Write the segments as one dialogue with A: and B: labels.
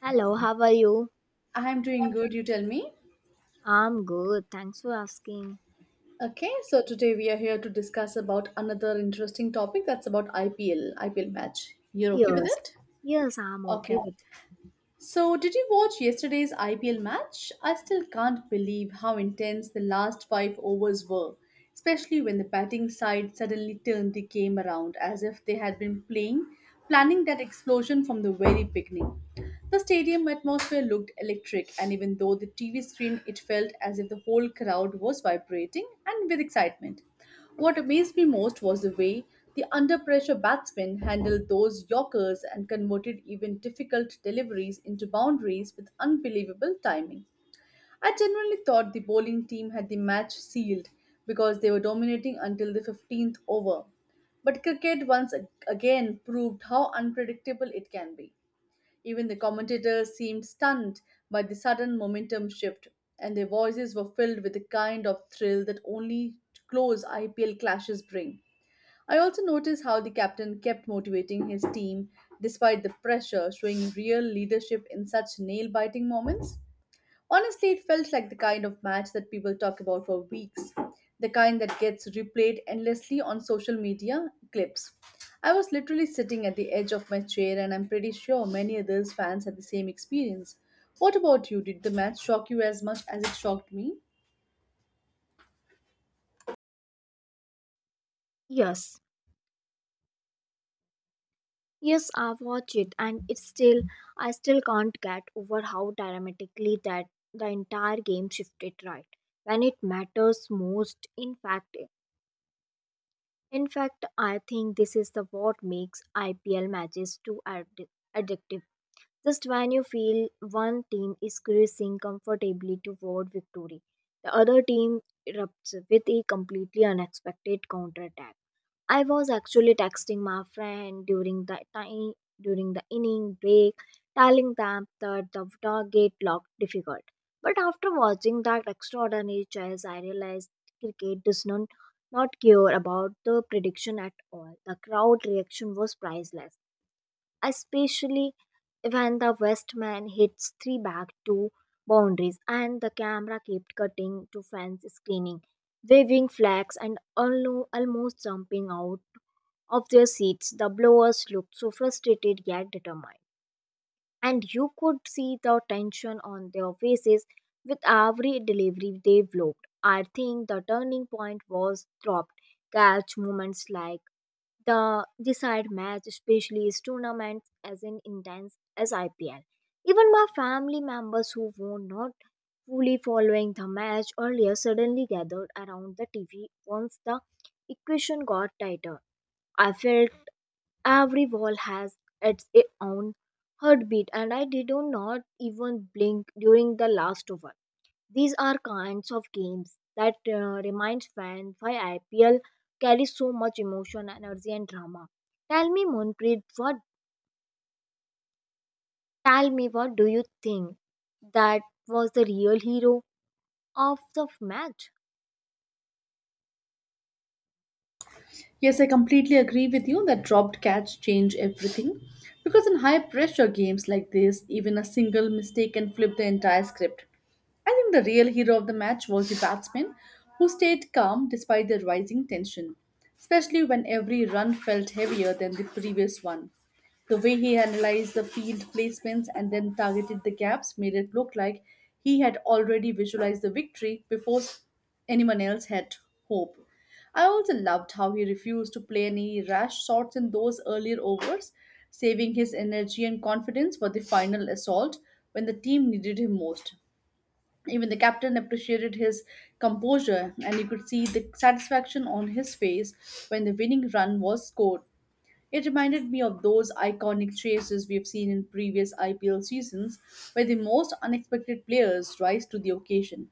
A: Hello, how are you?
B: I'm doing good, you tell me.
A: I'm good. Thanks for asking.
B: Okay, so today we are here to discuss about another interesting topic that's about IPL match. You're okay with
A: Yes.
B: it?
A: Yes, I'm okay
B: Okay.
A: with.
B: So, did you watch yesterday's IPL match? I still can't believe how intense the last five overs were, especially when the batting side suddenly turned the game around as if they had been playing, planning that explosion from the very beginning. The stadium atmosphere looked electric, and even though the TV screen, it felt as if the whole crowd was vibrating and with excitement. What amazed me most was the way the under pressure batsmen handled those yorkers and converted even difficult deliveries into boundaries with unbelievable timing. I genuinely thought the bowling team had the match sealed because they were dominating until the 15th over. But cricket once again proved how unpredictable it can be. Even the commentators seemed stunned by the sudden momentum shift, and their voices were filled with the kind of thrill that only close IPL clashes bring. I also noticed how the captain kept motivating his team despite the pressure, showing real leadership in such nail biting moments. Honestly, it felt like the kind of match that people talk about for weeks, the kind that gets replayed endlessly on social media clips. I was literally sitting at the edge of my chair, and I'm pretty sure many others fans had the same experience. What about you? Did the match shock you as much as it shocked me?
A: Yes. Yes, I watch it and it's still, I still can't get over how dramatically that the entire game shifted right when it matters most. In fact, I think this is the what makes IPL matches too addictive. Just when you feel one team is cruising comfortably toward victory, the other team erupts with a completely unexpected counterattack. I was actually texting my friend during the inning break, telling them that the target looked difficult. But after watching that extraordinary chase, I realized cricket does not care about the prediction at all. The crowd reaction was priceless, especially when the Westman hits three back to boundaries and the camera kept cutting to fans screening, waving flags, and almost jumping out of their seats. The blowers looked so frustrated yet determined, and you could see the tension on their faces with every delivery they vlogged. I think the turning point was dropped catch moments like the decide match, especially is tournaments as in intense as IPL. Even my family members who were not fully following the match earlier suddenly gathered around the TV once the equation got tighter. I felt every wall has its own heartbeat, and I did not even blink during the last over. These are kinds of games that reminds fans why IPL carries so much emotion, energy, and drama. Tell me, Monpreet, what? Tell me, what do you think? That was the real hero of the match.
B: Yes, I completely agree with you that dropped catch change everything. Because in high pressure games like this, even a single mistake can flip the entire script. I think the real hero of the match was the batsman who stayed calm despite the rising tension, especially when every run felt heavier than the previous one. The way he analyzed the field placements and then targeted the gaps made it look like he had already visualized the victory before anyone else had hope. I also loved how he refused to play any rash shots in those earlier overs, saving his energy and confidence for the final assault when the team needed him most. Even the captain appreciated his composure, and you could see the satisfaction on his face when the winning run was scored. It reminded me of those iconic chases we've seen in previous IPL seasons, where the most unexpected players rise to the occasion.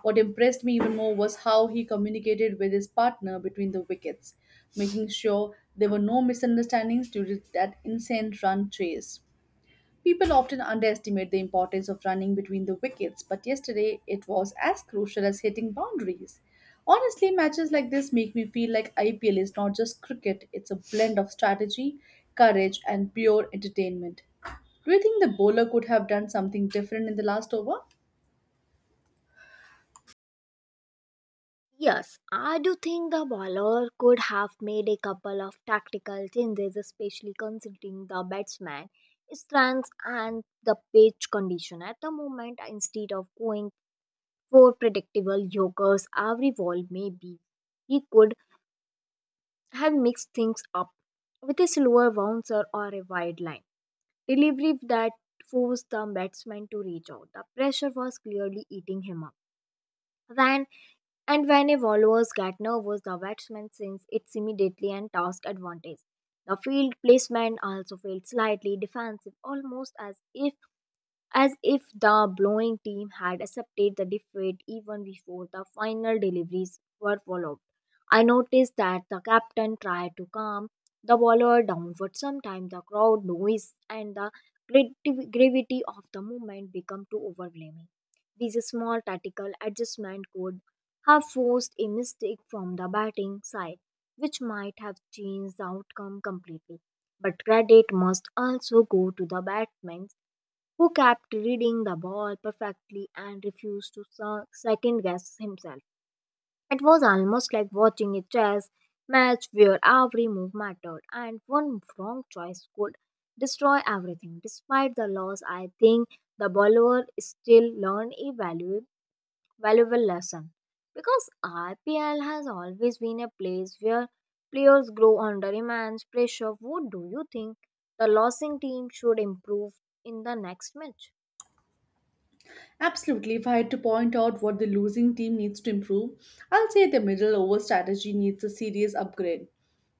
B: What impressed me even more was how he communicated with his partner between the wickets, making sure there were no misunderstandings during that insane run chase. People often underestimate the importance of running between the wickets, but yesterday it was as crucial as hitting boundaries. Honestly, matches like this make me feel like IPL is not just cricket, it's a blend of strategy, courage, and pure entertainment. Do you think the bowler could have done something different in the last over?
A: Yes, I do think the bowler could have made a couple of tactical changes, especially considering the batsman strengths and the pitch condition at the moment. Instead of going for predictable yokers every ball, maybe he could have mixed things up with a slower bouncer or a wide line delivery that forced the batsman to reach out. The pressure was clearly eating him up. When And when a bowler gets nervous, the batsman sends it immediately and toss advantage. The field placement also feels slightly defensive, almost as if the blowing team had accepted the defeat even before the final deliveries were followed. I noticed that the captain tried to calm the bowler down, but sometimes the crowd noise and the gravity of the movement become too overwhelming. These small tactical adjustments could have forced a mistake from the batting side, which might have changed the outcome completely. But credit must also go to the batsmen who kept reading the ball perfectly and refused to second guess himself. It was almost like watching a chess match where every move mattered and one wrong choice could destroy everything. Despite the loss, I think the bowler still learned a valuable lesson because RPL has always been a place where players grow under immense pressure. What do you think the losing team should improve in the next match?
B: Absolutely. If I had to point out what the losing team needs to improve, I'll say the middle over strategy needs a serious upgrade.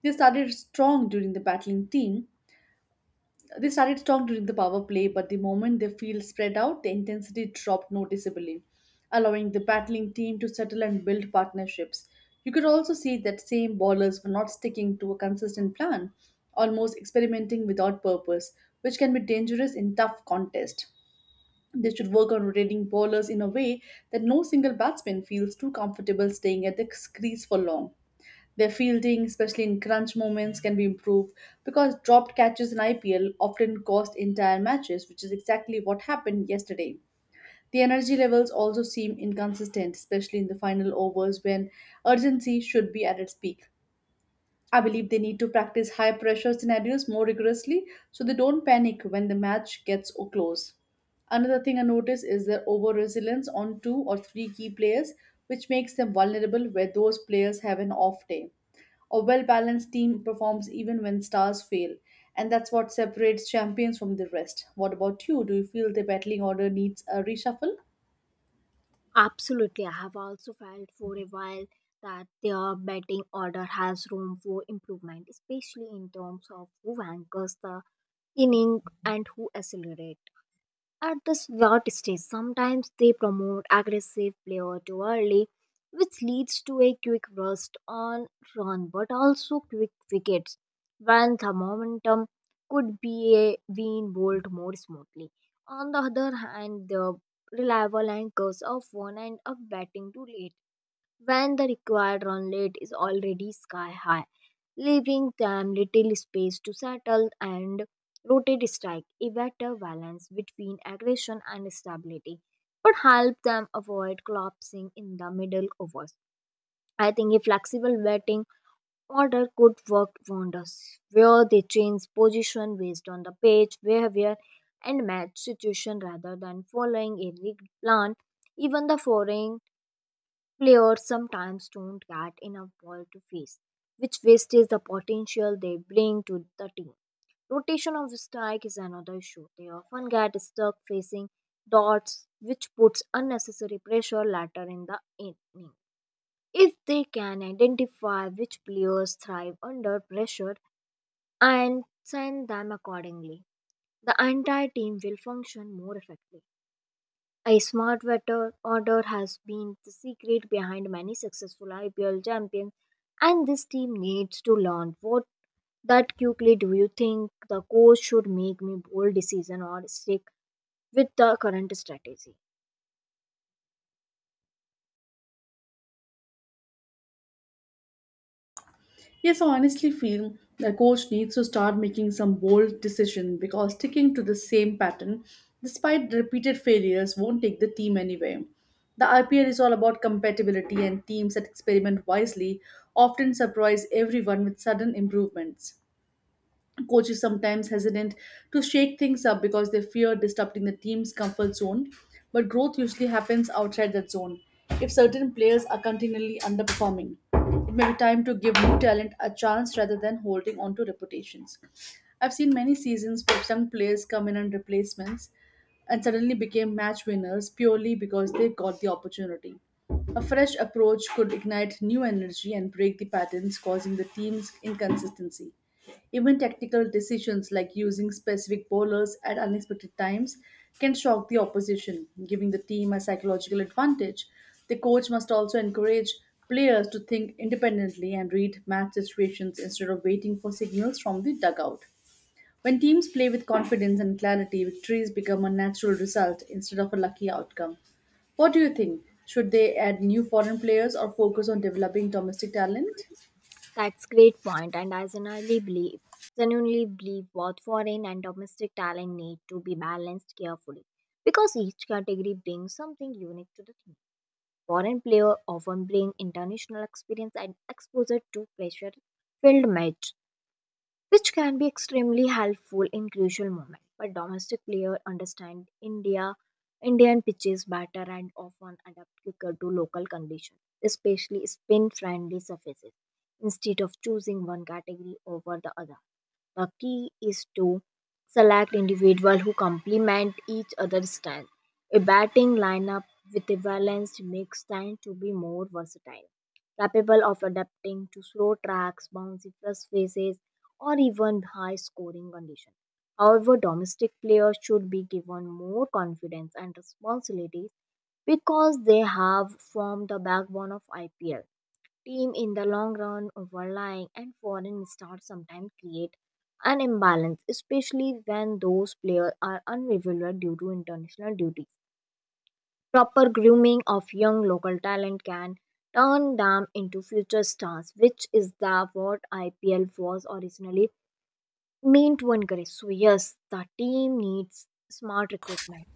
B: They started strong during the battling team, They started strong during the power play, but the moment the field spread out, the intensity dropped noticeably, allowing the battling team to settle and build partnerships. You could also see that same ballers were not sticking to a consistent plan, almost experimenting without purpose, which can be dangerous in tough contests. They should work on rotating bowlers in a way that no single batsman feels too comfortable staying at the crease for long. Their fielding, especially in crunch moments, can be improved because dropped catches in IPL often cost entire matches, which is exactly what happened yesterday. The energy levels also seem inconsistent, especially in the final overs when urgency should be at its peak. I believe they need to practice high pressure scenarios more rigorously so they don't panic when the match gets close. Another thing I notice is their over resilience on two or three key players, which makes them vulnerable where those players have an off day. A well balanced team performs even when stars fail, and that's what separates champions from the rest. What about you? Do you feel the battling order needs a reshuffle?
A: Absolutely. I have also felt for a while that their batting order has room for improvement, especially in terms of who anchors the inning and who accelerates. At this what stage, sometimes they promote aggressive player too early, which leads to a quick rust on run but also quick wickets when the momentum could be a being bowled more smoothly. On the other hand, the reliable anchors of one end up batting too late when the required runlet is already sky high, leaving them little space to settle and rotate strike a better balance between aggression and stability would help them avoid collapsing in the middle overs. I think a flexible batting order could work wonders, where they change position based on the pitch, behavior, and match situation rather than following a rigged plan. Even the foreign players sometimes don't get enough ball to face, which wastes the potential they bring to the team. Rotation of strike is another issue. They often get stuck facing dots, which puts unnecessary pressure later in the inning. If they can identify which players thrive under pressure and send them accordingly, the entire team will function more effectively. A smart water order has been the secret behind many successful IPL champions, and this team needs to learn. What that quickly do you think the coach should make me bold decision or stick with the current strategy?
B: Yes, I honestly feel the coach needs to start making some bold decision because sticking to the same pattern despite repeated failures won't take the team anywhere. The IPL is all about compatibility and teams that experiment wisely often surprise everyone with sudden improvements coaches sometimes hesitant to shake things up because they fear disrupting the team's comfort zone, but growth usually happens outside that zone. If certain players are continually underperforming, it may be time to give new talent a chance rather than holding on to reputations. I've seen many seasons where young players come in and replacements and suddenly became match winners purely because they got the opportunity. A fresh approach could ignite new energy and break the patterns causing the team's inconsistency. Even tactical decisions like using specific bowlers at unexpected times can shock the opposition, giving the team a psychological advantage. The coach must also encourage players to think independently and read match situations instead of waiting for signals from the dugout. When teams play with confidence and clarity, victories become a natural result instead of a lucky outcome. What do you think? Should they add new foreign players or focus on developing domestic talent?
A: That's great point, and I genuinely believe both foreign and domestic talent need to be balanced carefully because each category brings something unique to the team. Foreign players often bring international experience and exposure to pressure filled match, which can be extremely helpful in crucial moments. But domestic players understand Indian pitches better and often adapt quicker to local conditions, especially spin friendly surfaces, instead of choosing one category over the other. The key is to select individuals who complement each other's style. A batting lineup with a balanced mix tends to be more versatile, capable of adapting to slow tracks, bouncy first faces, or even high scoring conditions. However, domestic players should be given more confidence and responsibility because they have formed the backbone of IPL team in the long run overlying and foreign stars sometimes create an imbalance, especially when those players are unavailable due to international duties. Proper grooming of young local talent can turn them into future stars, which is the what IPL was originally meant to encourage. So yes, the team needs smart recruitment,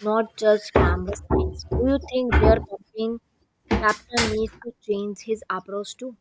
A: not just glamorous signs. Do you think their captain needs to change his approach too?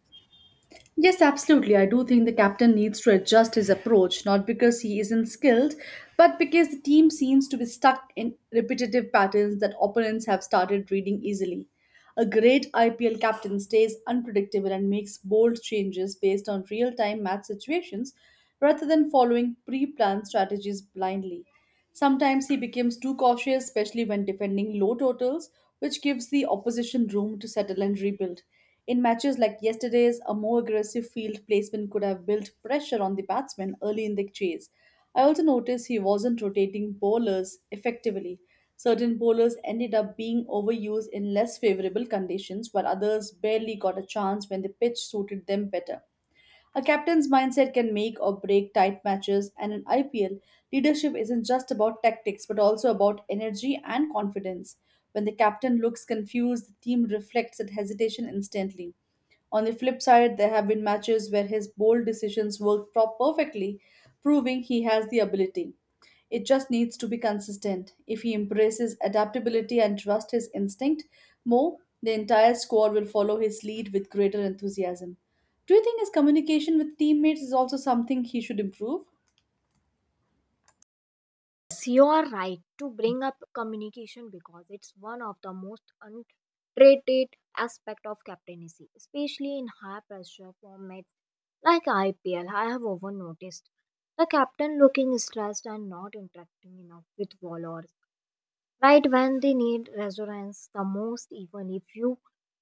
B: Yes, absolutely. I do think the captain needs to adjust his approach, not because he isn't skilled, but because the team seems to be stuck in repetitive patterns that opponents have started reading easily. A great IPL captain stays unpredictable and makes bold changes based on real time match situations rather than following pre planned strategies blindly. Sometimes he becomes too cautious, especially when defending low totals, which gives the opposition room to settle and rebuild. In matches like yesterday's, a more aggressive field placement could have built pressure on the batsman early in the chase. I also noticed he wasn't rotating bowlers effectively. Certain bowlers ended up being overused in less favorable conditions, while others barely got a chance when the pitch suited them better. A captain's mindset can make or break tight matches, and in IPL, leadership isn't just about tactics but also about energy and confidence. When the captain looks confused, the team reflects that hesitation instantly. On the flip side, there have been matches where his bold decisions worked perfectly, proving he has the ability. It just needs to be consistent. If he embraces adaptability and trusts his instinct more, the entire squad will follow his lead with greater enthusiasm. Do you think his communication with teammates is also something he should improve?
A: Yes, you are right to bring up communication because it's one of the most underrated aspect of captaincy, especially in high pressure formats like IPL. I have often noticed the captain looking stressed and not interacting enough with bowlers. Right when they need reassurance the most, even if you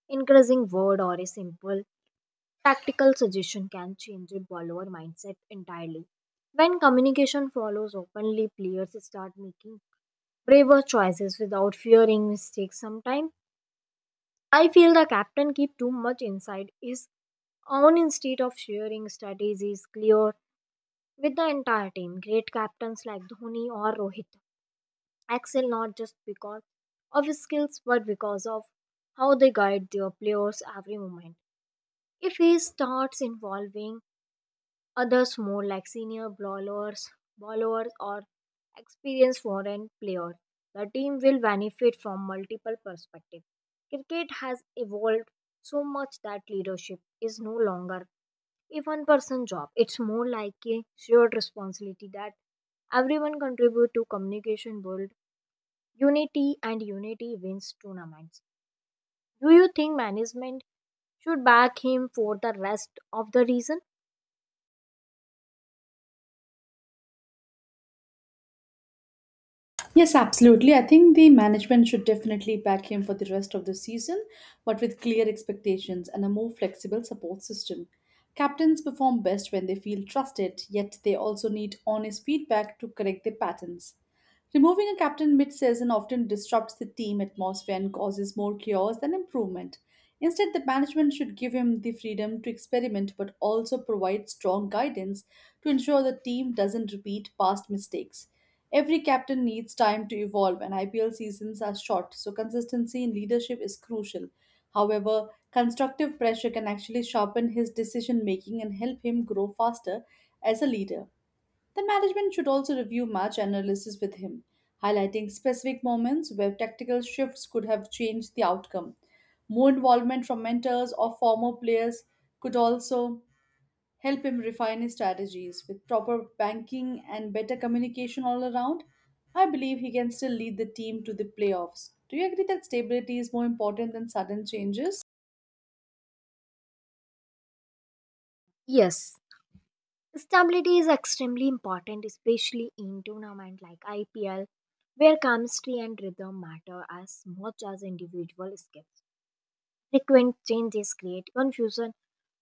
A: increasing word or a simple tactical suggestion can change a bowler mindset entirely. When communication follows openly, players start making braver choices without fearing mistakes. Sometimes I feel the captain keep too much inside his own instead of sharing strategies clear with the entire team. Great captains like Dhoni or Rohit excel not just because of his skills but because of how they guide their players every moment. If he starts involving others more like senior bowlers or experienced foreign players. The team will benefit from multiple perspectives. Cricket has evolved so much that leadership is no longer a one person job. It's more like a shared responsibility that everyone contribute to communication build unity and unity wins tournaments. Do you think management should back him for the rest of the reason?
B: Yes, absolutely. I think the management should definitely back him for the rest of the season, but with clear expectations and a more flexible support system. Captains perform best when they feel trusted, yet they also need honest feedback to correct their patterns. Removing a captain mid season often disrupts the team atmosphere and causes more chaos than improvement. Instead, the management should give him the freedom to experiment but also provide strong guidance to ensure the team doesn't repeat past mistakes. Every captain needs time to evolve, and IPL seasons are short, so consistency in leadership is crucial. However, constructive pressure can actually sharpen his decision making and help him grow faster as a leader. The management should also review match analysis with him, highlighting specific moments where tactical shifts could have changed the outcome. More involvement from mentors or former players could also help him refine his strategies. With proper banking and better communication all around, I believe he can still lead the team to the playoffs. Do you agree that stability is more important than sudden changes?
A: Yes, stability is extremely important, especially in tournament like IPL, where chemistry and rhythm matter as much as individual skills. Frequent changes create confusion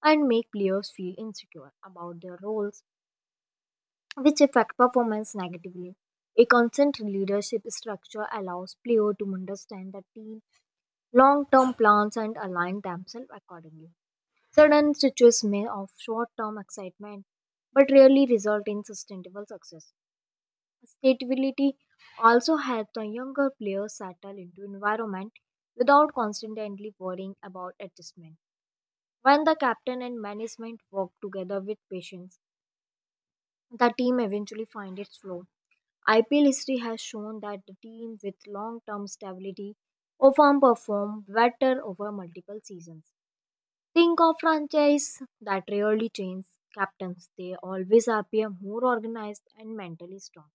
A: and make players feel insecure about their roles, which affect performance negatively. A constant leadership structure allows players to understand the team long-term plans and align themselves accordingly. Sudden switches may of short-term excitement but rarely result in sustainable success. Stability also helps the younger players settle into environment without constantly worrying about adjustment. When the captain and management work together with patience, the team eventually find its flow. IPL history has shown that the team with long-term stability often perform better over multiple seasons. Think of franchise that rarely change captains. They always appear more organized and mentally strong.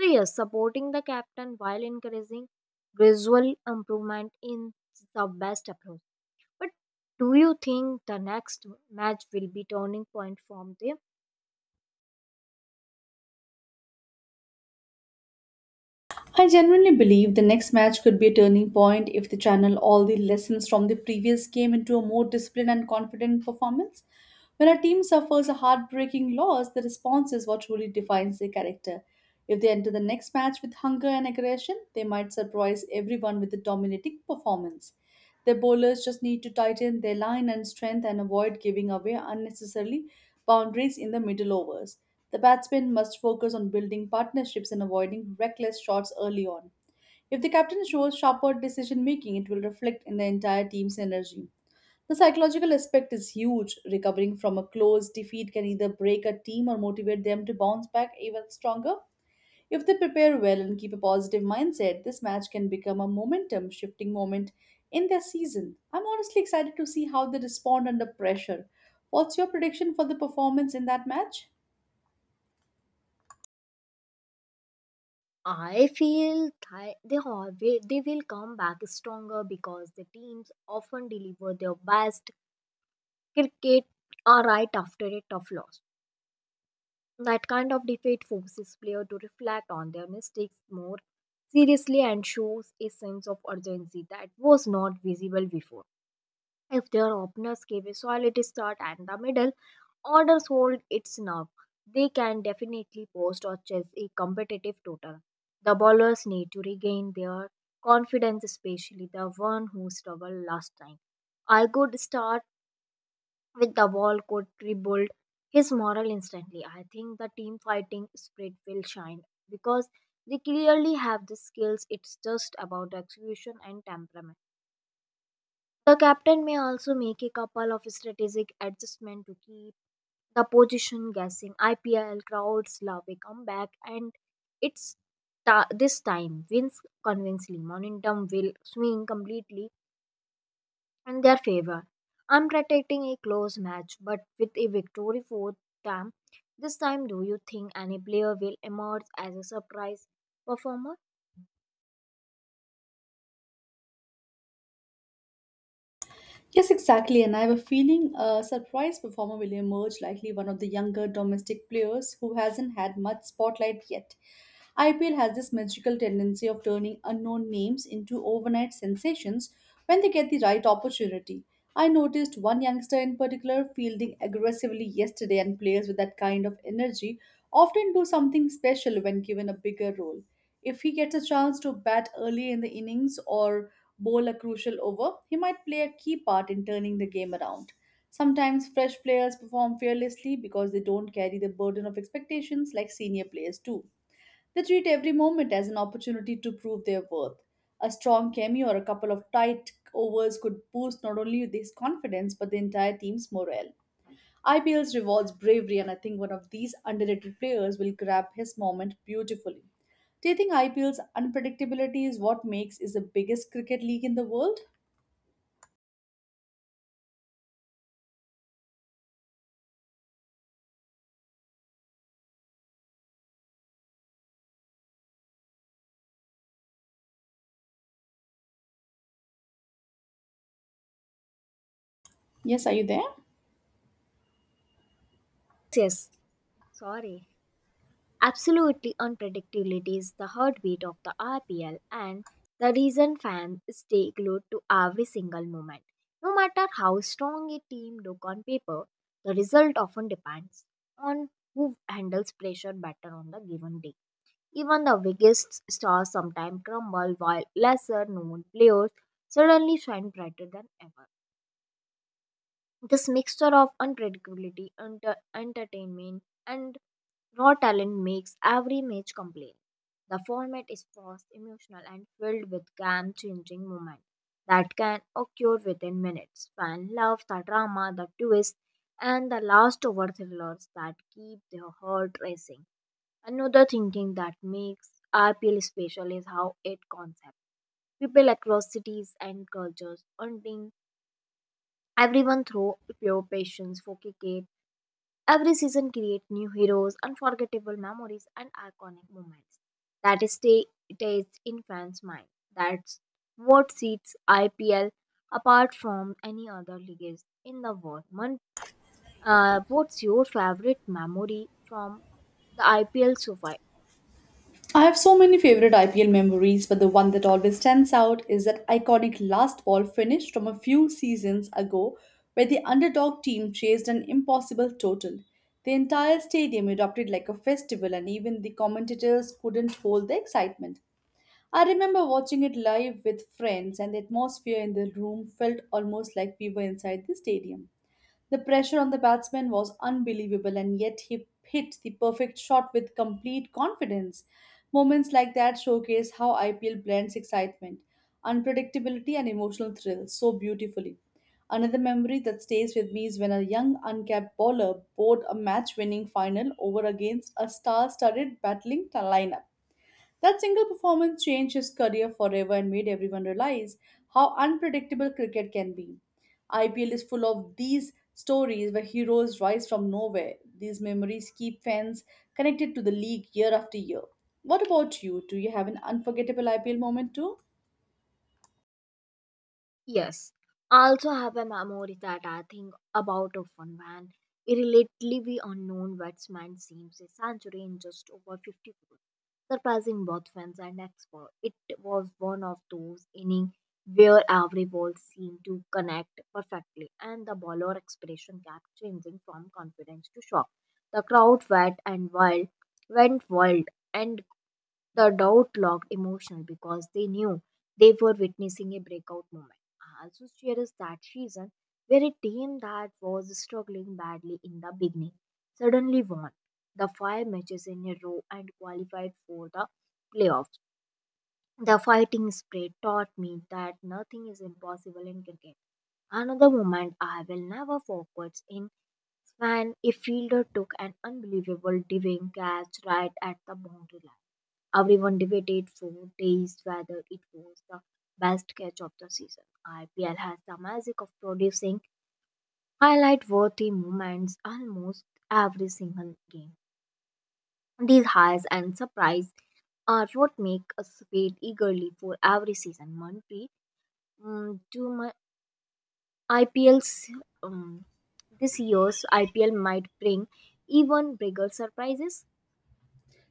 A: So yes, supporting the captain while encouraging gradual improvement in the best approach. But do you think the next match will be turning point from them?
B: I genuinely believe the next match could be a turning point if they channel all the lessons from the previous game into a more disciplined and confident performance. When a team suffers a heartbreaking loss, the response is what truly defines their character. If they enter the next match with hunger and aggression, they might surprise everyone with a dominating performance. Their bowlers just need to tighten their line and strength and avoid giving away unnecessarily boundaries in the middle overs. The batsman must focus on building partnerships and avoiding reckless shots early on. If the captain shows sharper decision making, it will reflect in the entire team's energy. The psychological aspect is huge. Recovering from a close defeat can either break a team or motivate them to bounce back even stronger. If they prepare well and keep a positive mindset, this match can become a momentum shifting moment in their season. I'm honestly excited to see how they respond under pressure. What's your prediction for the performance in that match?
A: I feel they always, they will come back stronger because the teams often deliver their best cricket right after a tough loss. That kind of defeat forces players to reflect on their mistakes more seriously and shows a sense of urgency that was not visible before. If their openers gave a solid start and the middle orders hold its nerve, they can definitely post or chase a competitive total. The bowlers need to regain their confidence, especially the one who struggled last time. A good start with the wall could rebuild his morale instantly. I think the team fighting spirit will shine because they clearly have the skills. It's just about execution and temperament. The captain may also make a couple of strategic adjustments to keep the position guessing. IPL crowds love a comeback, and it's this time wins convincingly. Momentum will swing completely in their favor. I'm predicting a close match, but with a victory for them. This time, do you think any player will emerge as a surprise performer?
B: Yes, exactly. And I have a feeling a surprise performer will emerge, likely one of the younger domestic players who hasn't had much spotlight yet. IPL has this magical tendency of turning unknown names into overnight sensations when they get the right opportunity. I noticed one youngster in particular fielding aggressively yesterday, and players with that kind of energy often do something special when given a bigger role. If he gets a chance to bat early in the innings or bowl a crucial over, he might play a key part in turning the game around. Sometimes fresh players perform fearlessly because they don't carry the burden of expectations like senior players do. They treat every moment as an opportunity to prove their worth. A strong cameo or a couple of tight overs could boost not only his confidence but the entire team's morale. IPL's rewards bravery, and I think one of these underrated players will grab his moment beautifully. Do you think IPL's unpredictability is what makes is the biggest cricket league in the world? Yes, are you there?
A: Yes, sorry. Absolutely unpredictability is the heartbeat of the RPL and the reason fans stay glued to every single moment. No matter how strong a team look on paper, the result often depends on who handles pressure better on the given day. Even the biggest stars sometimes crumble while lesser known players suddenly shine brighter than ever. This mixture of unpredictability, entertainment, and raw talent makes every match complete. The format is fast, emotional, and filled with game changing moments that can occur within minutes. Fans love the drama, the twist, and the last over thrillers that keep their heart racing. Another thing that makes RPL special is how it concept. People across cities and cultures earning everyone through pure passions for cricket. Every season creates new heroes, unforgettable memories, and iconic moments that stay etched in fans' mind. That's what sets IPL apart from any other leagues in the world. Man, what's your favorite memory from the IPL so far?
B: I have so many favorite IPL memories, but the one that always stands out is that iconic last ball finish from a few seasons ago where the underdog team chased an impossible total. The entire stadium erupted like a festival, and even the commentators couldn't hold the excitement. I remember watching it live with friends, and the atmosphere in the room felt almost like we were inside the stadium. The pressure on the batsman was unbelievable, and yet he hit the perfect shot with complete confidence. Moments like that showcase how IPL blends excitement, unpredictability, and emotional thrill so beautifully. Another memory that stays with me is when a young uncapped bowler bowled a match winning final over against a star studded battling lineup. That single performance changed his career forever and made everyone realize how unpredictable cricket can be. IPL is full of these stories where heroes rise from nowhere. These memories keep fans connected to the league year after year. What about you? Do you have an unforgettable IPL moment too?
A: Yes, I also have a memory that I think about often when a relatively unknown batsman seems a century in just over 50 balls, surprising both fans and experts. It was one of those innings where every ball seemed to connect perfectly, and the bowler expression kept changing from confidence to shock. The crowd wet and wild went wild, and the doubt looked emotional because they knew they were witnessing a breakout moment. I also cherished that season where a team that was struggling badly in the beginning suddenly won the five matches in a row and qualified for the playoffs. The fighting spirit taught me that nothing is impossible in cricket. Another moment I will never forget in when a fielder took an unbelievable diving catch right at the boundary line. Everyone debated for days whether it was the best catch of the season. IPL has the magic of producing highlight worthy moments almost every single game. These highs and surprise are what make us wait eagerly for every season. Monty, um, to my IPL's um, this year's IPL might bring even bigger surprises.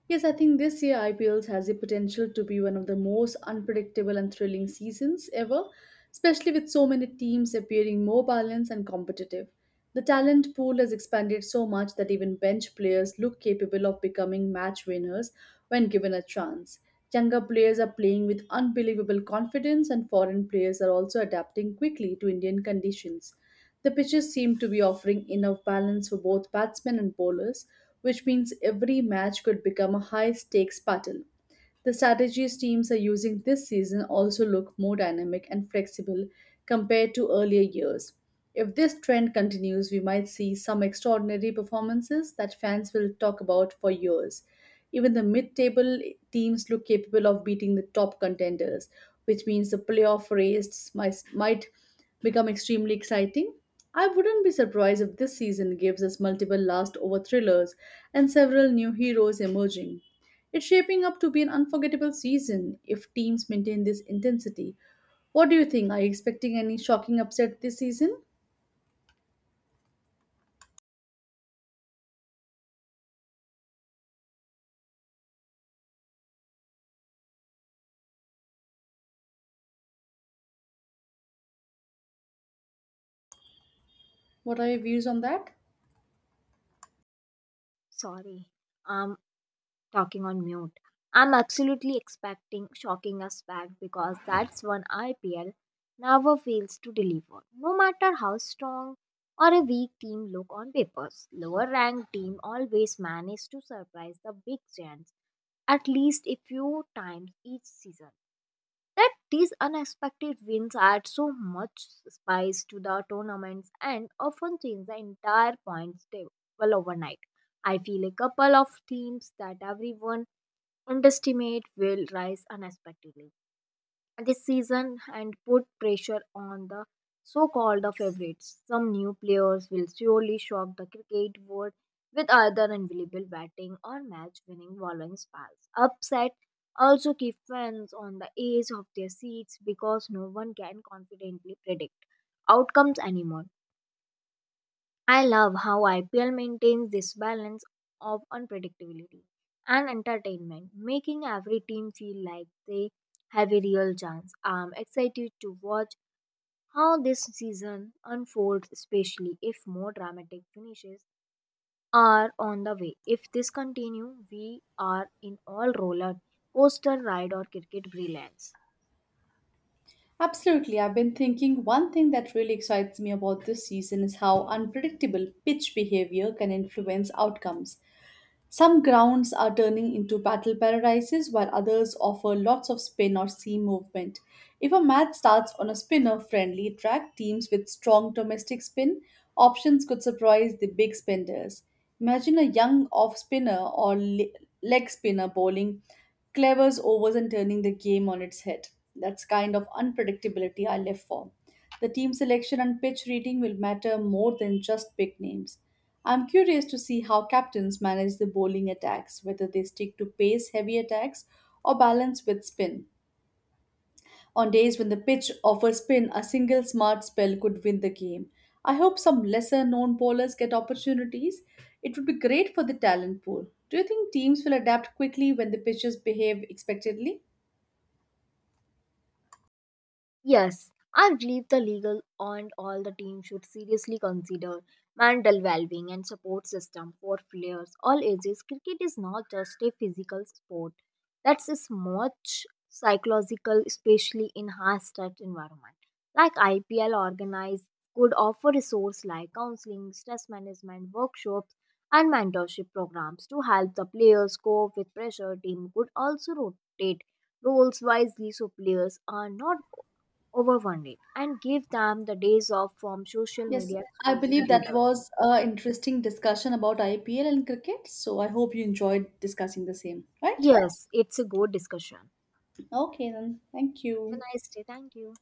B: Yes, I think this year IPL has the potential to be one of the most unpredictable and thrilling seasons ever, especially with so many teams appearing more balanced and competitive. The talent pool has expanded so much that even bench players look capable of becoming match winners when given a chance. Younger players are playing with unbelievable confidence, and foreign players are also adapting quickly to Indian conditions. The pitches seem to be offering enough balance for both batsmen and bowlers, which means every match could become a high stakes battle. The strategies teams are using this season also look more dynamic and flexible compared to earlier years. If this trend continues, we might see some extraordinary performances that fans will talk about for years. Even the mid table teams look capable of beating the top contenders, which means the playoff race might become extremely exciting. I wouldn't be surprised if this season gives us multiple last over thrillers and several new heroes emerging. It's shaping up to be an unforgettable season if teams maintain this intensity. What do you think? Are you expecting any shocking upset this season? What are your views on that?
A: Sorry, I'm talking on mute. I'm absolutely expecting shocking us back because that's when IPL never fails to deliver. No matter how strong or a weak team look on papers, lower ranked team always manage to surprise the big giants at least a few times each season that these unexpected wins add so much spice to the tournaments and often change the entire points table overnight. I feel a couple of teams that everyone underestimate will rise unexpectedly this season and put pressure on the so-called favorites. Some new players will surely shock the cricket world with either unbelievable batting or match-winning bowling spells. Upset also keep fans on the edge of their seats because no one can confidently predict outcomes anymore. I love how IPL maintains this balance of unpredictability and entertainment, making every team feel like they have a real chance. I'm excited to watch how this season unfolds, especially if more dramatic finishes are on the way. If this continue, we are in all roller coaster ride or cricket brilliance.
B: Absolutely. I've been thinking one thing that really excites me about this season is how unpredictable pitch behavior can influence outcomes. Some grounds are turning into battle paradises while others offer lots of spin or sea movement. If a match starts on a spinner friendly track, teams with strong domestic spin options could surprise the big spenders. Imagine a young off spinner or leg spinner bowling clever overs and turning the game on its head. That's kind of unpredictability I live for. The team selection and pitch reading will matter more than just big names. I'm curious to see how captains manage the bowling attacks, whether they stick to pace heavy attacks or balance with spin. On days when the pitch offers spin, a single smart spell could win the game. I hope some lesser known bowlers get opportunities. It would be great for the talent pool. Do you think teams will adapt quickly when the pitches behave expectedly?
A: Yes, I believe the legal and all the team should seriously consider mental well-being and support system for players all ages. Cricket is not just a physical sport; that's is much psychological, especially in high-stress environment. Like IPL organized could offer resources like counseling, stress management workshops, and mentorship programs to help the players cope with pressure. Team could also rotate roles wisely so players are not over one day, and give them the days off from social
B: Yes,
A: media
B: I
A: exposing
B: believe
A: duty.
B: that was a interesting discussion about IPL and cricket. So I hope you enjoyed discussing the same, right?
A: Yes, it's a good discussion.
B: Okay, then. Thank
A: Have
B: you.
A: a nice day. Thank you.